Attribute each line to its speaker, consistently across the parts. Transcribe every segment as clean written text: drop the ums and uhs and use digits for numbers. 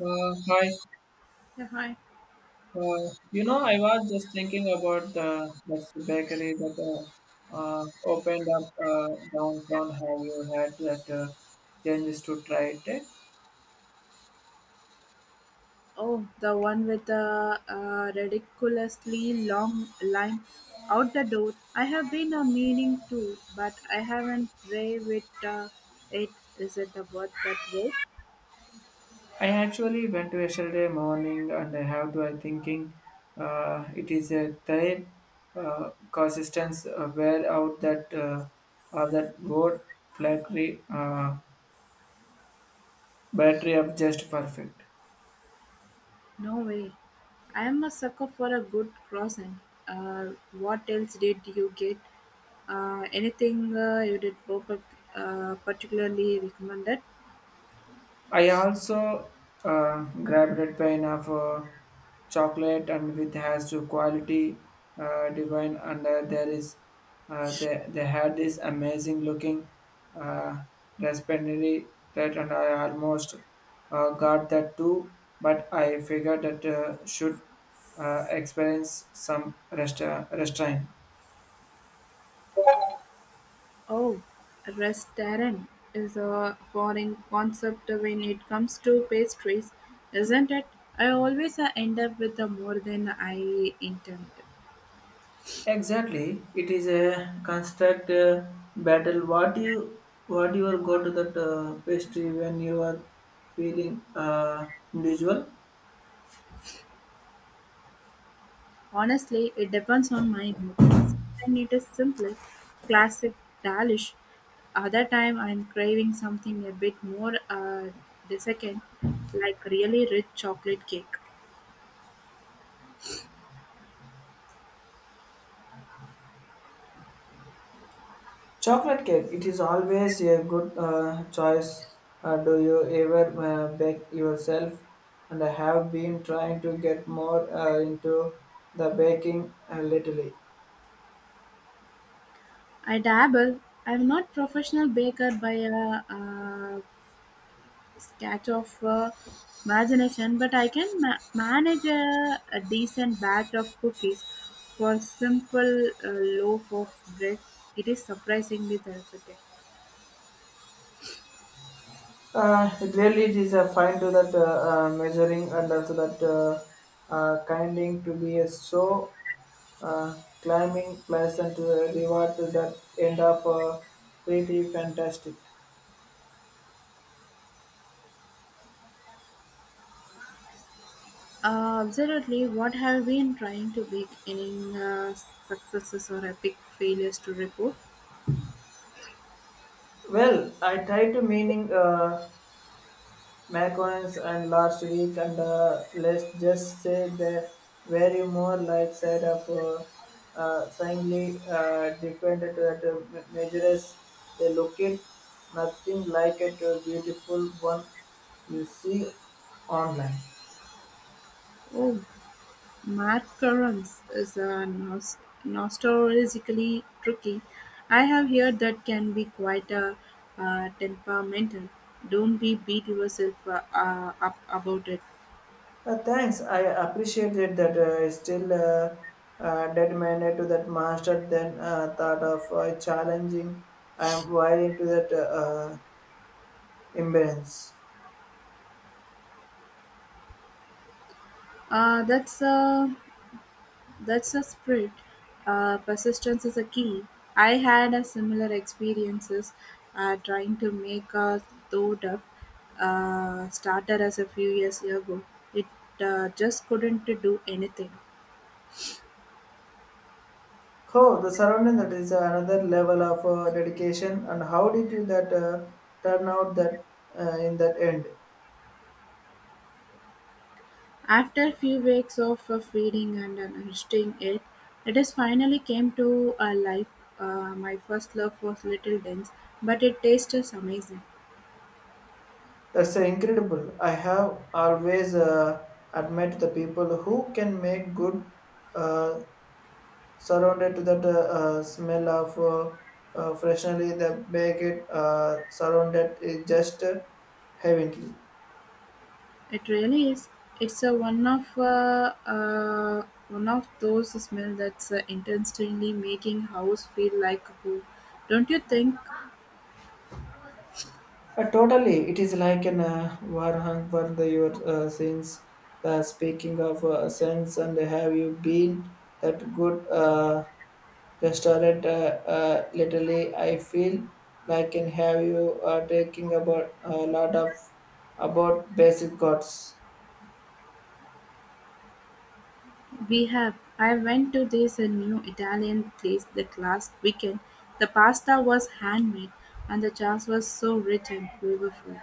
Speaker 1: Hi.
Speaker 2: Yeah, hi.
Speaker 1: Uh, I was just thinking about the that's the bakery that opened up downtown. How you had that changes to try it? Eh?
Speaker 2: Oh, the one with the ridiculously long line out the door. I have been a meaning to, but I haven't brave it. It is it the word that word?
Speaker 1: I actually went to yesterday morning, and I have to. I thinking it is a type consistence wear out that of that wood flattery battery of just perfect.
Speaker 2: No way. I am a sucker for a good crossing. Uh, what else did you get? Anything you did perfect, particularly recommended?
Speaker 1: I also grabbed a pint of chocolate and with has to quality divine and there is they had this amazing looking uh, raspberry that and I almost got that too but I figured that should experience some restraint.
Speaker 2: Oh, restaurant is a foreign concept when it comes to pastries, isn't it? I always end up with more than I intended.
Speaker 1: Exactly, it is a constant battle. What you are go to that pastry when you are feeling individual?
Speaker 2: Honestly, it depends on my mood. Sometimes it is simply classic delish. Other time I'm craving something a bit more desiccant, like really rich chocolate cake.
Speaker 1: Chocolate cake. It is always a good choice. Do you ever bake yourself? And I have been trying to get more into the baking lately.
Speaker 2: I dabble. I'm not professional baker by a, sketch of imagination, but I can manage a decent batch of cookies for simple loaf of bread. It is surprisingly therapeutic.
Speaker 1: It really is a fine to that measuring and also that kinding to be a so uh, climbing pleasant reward to that end of pretty fantastic.
Speaker 2: Absolutely. What have you been trying to bake? Any uh, successes or epic failures to report?
Speaker 1: Well, I tried to meaning macarons and last week and let's just say they very more light side of slightly different to that measures they look it nothing like it beautiful one you see online.
Speaker 2: Oh, Mark Curran's is a notoriously tricky. I have heard that can be quite a temperamental. Don't be beat yourself up about it.
Speaker 1: Thanks. I appreciated that. Still determined to that master. Then thought of challenging. I am wiring to that imbalance.
Speaker 2: Uh, that's a that's a spirit. Persistence is a key. I had a similar experiences trying to make a thought of starter as a few years ago. It just couldn't do anything.
Speaker 1: Oh, the surrounding that is another level of dedication. And how did you that turn out that in that end?
Speaker 2: After few weeks of feeding and understanding it, it is finally came to a life. My first love was little dense, but it tastes is amazing.
Speaker 1: That's incredible. I have always admired the people who can make good uh, surrounded to that smell of freshly the baked surrounded is just heavenly.
Speaker 2: It really is. It's a one of one of those smells that's intentionally making house feel like home. Don't you think?
Speaker 1: Totally, it is like an war hung for the your sins. The speaking of sins and have you been that good restaurant? Literally, I feel like and have you taking about a lot of about basic gods.
Speaker 2: We have. I went to this new Italian place that last weekend. The pasta was handmade, and the sauce was so rich and flavorful.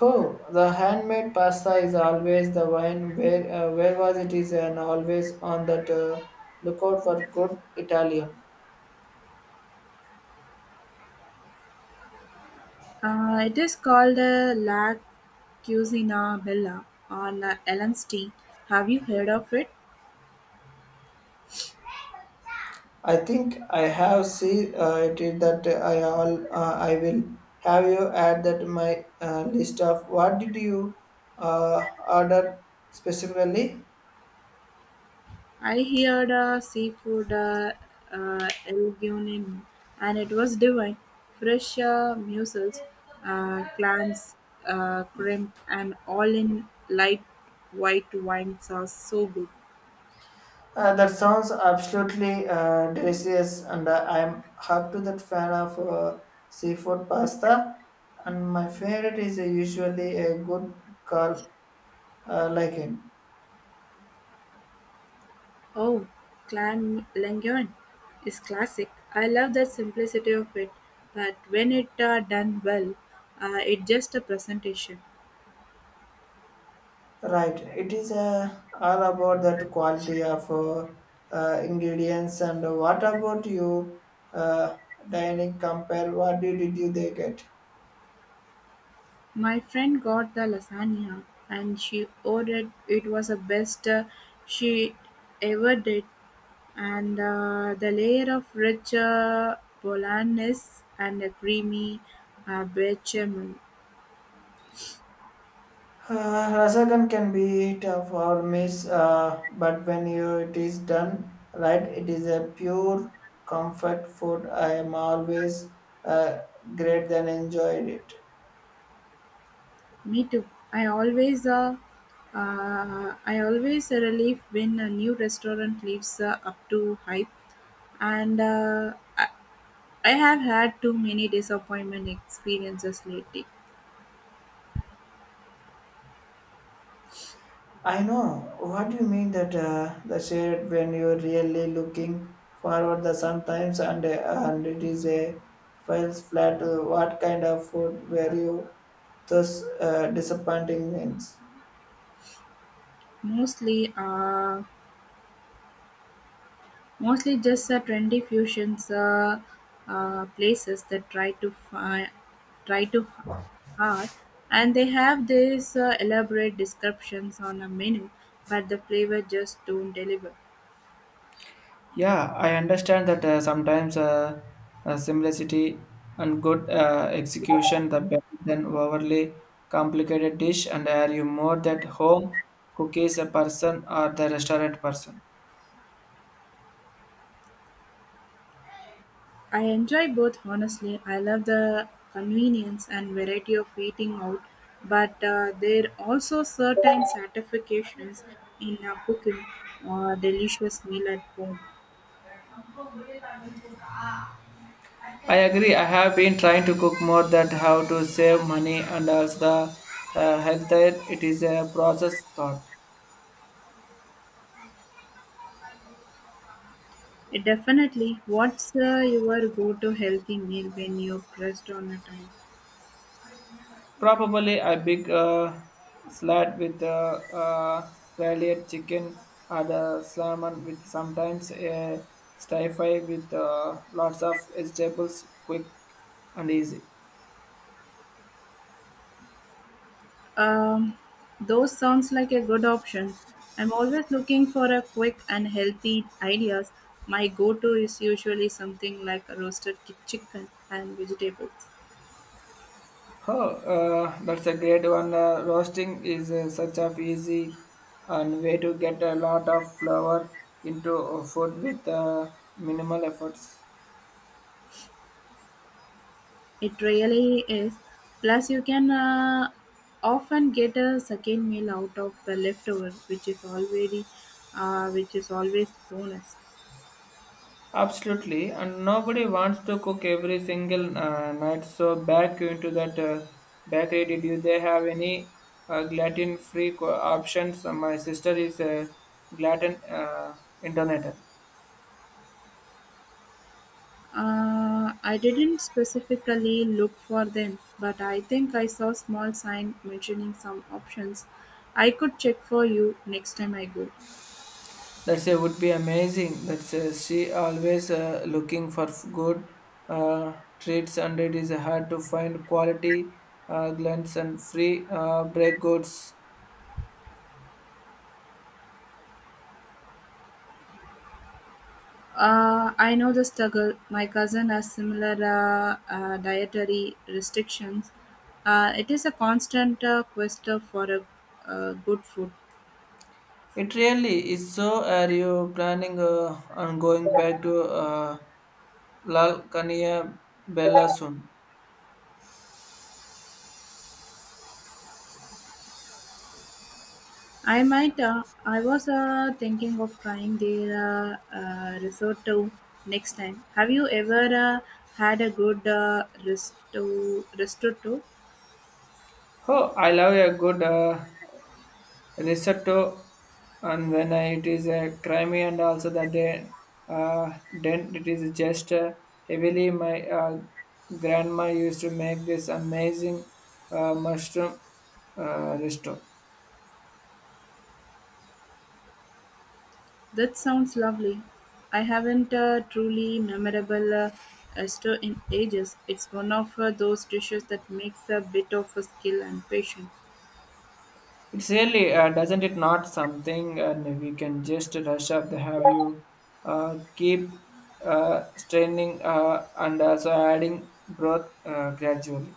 Speaker 1: Oh, the handmade pasta is always the wine where was it is and always on that lookout for good Italian.
Speaker 2: It is called La Cucina Bella or La Ellen's Tea. Have you heard of it?
Speaker 1: I think I have seen it is that I all I will have you add that my list of what did you order specifically?
Speaker 2: I heard seafood El and it was divine. Fresh mussels, clams, shrimp, and all in light white wine sauce. So good.
Speaker 1: That sounds absolutely delicious, and I'm hard to that fan of seafood pasta. And my favorite is usually a good carb like it.
Speaker 2: Oh, Clanlangan is classic. I love the simplicity of it, but when it done well, it just a presentation.
Speaker 1: Right, it is all about that quality of ingredients. And what about you, uh, dining compare? What did you they get?
Speaker 2: My friend got the lasagna, and she ordered it was the best she ever did, and the layer of rich bolognese and a creamy bechamel.
Speaker 1: Rasagan can be tough or miss, but when you, it is done right, it is a pure comfort food. I am always uh, great than enjoyed it.
Speaker 2: Me too. I always uh, I always a relief when a new restaurant lives up to hype, and I have had too many disappointment experiences lately.
Speaker 1: I know what you mean that the shade when you're really looking forward the sometimes and it is a falls flat. What kind of food were you thus disappointing means?
Speaker 2: Mostly, uh, Mostly just trendy fusions places that try to hard, and they have these elaborate descriptions on a menu, but the flavor just don't deliver.
Speaker 1: Yeah, I understand that sometimes simplicity and good execution the better than overly complicated dish. And are you more that home cookies a person or the restaurant person?
Speaker 2: I enjoy both honestly. I love the convenience and variety of eating out, but there are also certain satisfactions in cooking a delicious meal at home.
Speaker 1: I agree. I have been trying to cook more that how to save money and also the health. It is a process thought.
Speaker 2: It definitely, what's your go-to healthy meal when you're pressed on a time?
Speaker 1: Probably a big salad with grilled chicken or the salmon with sometimes a stir fry with lots of vegetables, quick and easy.
Speaker 2: Um, those sounds like a good option. I'm always looking for a quick and healthy ideas. My go-to is usually something like a roasted chicken and vegetables.
Speaker 1: Oh, that's a great one. Roasting is such a easy and way to get a lot of flour into food with minimal efforts.
Speaker 2: It really is. Plus, you can often get a second meal out of the leftover, which is already, which is always bonus.
Speaker 1: Absolutely, and nobody wants to cook every single night. So back into that bakery, did you they have any gluten-free options? My sister is a gluten international.
Speaker 2: I didn't specifically look for them, but I think I saw small sign mentioning some options. I could check for you next time I go.
Speaker 1: That's would be amazing. That's she always looking for good treats, and it is hard to find quality gluten-free bread goods.
Speaker 2: I know the struggle. My cousin has similar dietary restrictions. It is a constant quest for a, good food.
Speaker 1: It really is. So, are you planning on going back to Lal Kania Bella soon?
Speaker 2: I might. I was thinking of trying their risotto next time. Have you ever had a good risotto? Risotto?
Speaker 1: Oh, I love a good risotto, and when it is creamy and also the day, then it is just heavily. My grandma used to make this amazing mushroom risotto.
Speaker 2: That sounds lovely. I haven't a truly memorable stir in ages. It's one of those dishes that makes a bit of a skill and patience.
Speaker 1: It's really, doesn't it not something and we can just rush up the have you keep uh, straining and also adding broth gradually.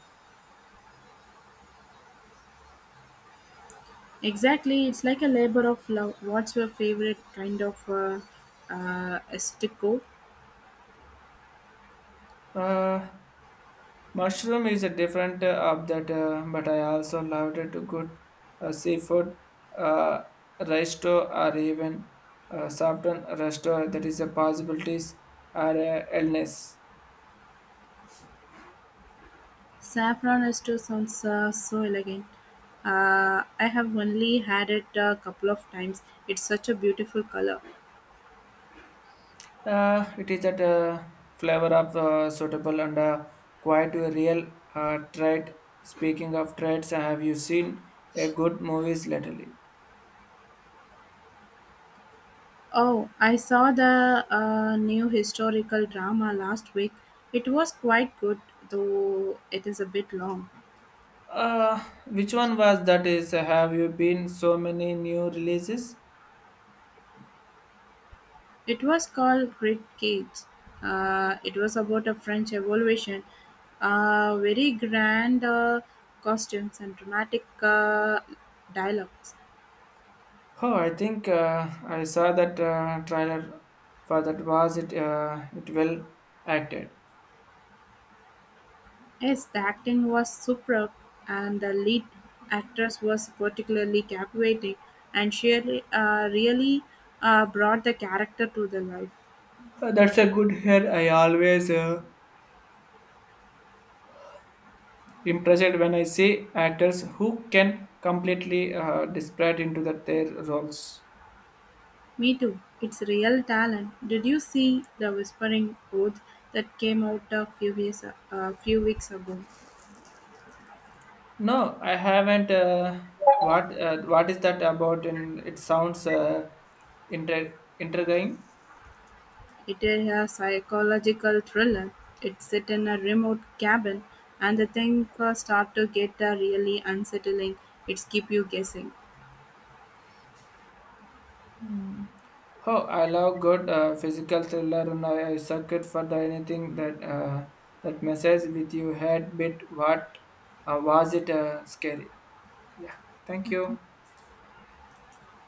Speaker 2: Exactly, it's like a labor of love. What's your favorite kind of estico?
Speaker 1: Uh, Mushroom is a different of that, but I also loved it to good seafood uh, resto or even softened resto that is a possibilities or illness.
Speaker 2: Saffron ester sounds so elegant. I have only had it a couple of times. It's such a beautiful color.
Speaker 1: It is that flavor of suitable and quite a real trait. Speaking of traits, have you seen a good movies lately?
Speaker 2: Oh, I saw the new historical drama last week. It was quite good, though it is a bit long.
Speaker 1: Uh, which one was that is have you been so many new releases?
Speaker 2: It was called Great Gates. It was about a French Revolution. Very grand costumes and dramatic dialogues.
Speaker 1: Oh, I think I saw that trailer for that was it it well acted.
Speaker 2: Yes, the acting was superb, and the lead actress was particularly captivating, and she really brought the character to the life.
Speaker 1: That's a good hair. I always impressed when I see actors who can completely desperate into that their roles.
Speaker 2: Me too. It's real talent. Did you see the Whispering Oath that came out a few weeks ago?
Speaker 1: No, I haven't. What is that about? And it sounds intriguing.
Speaker 2: It is a psychological thriller. It's set in a remote cabin, and the thing first start to get a really unsettling. It's keep you guessing.
Speaker 1: Oh, I love good physical thriller, and I circuit for the anything that that messes with you head bit. What was it? Scary. Yeah. Thank you.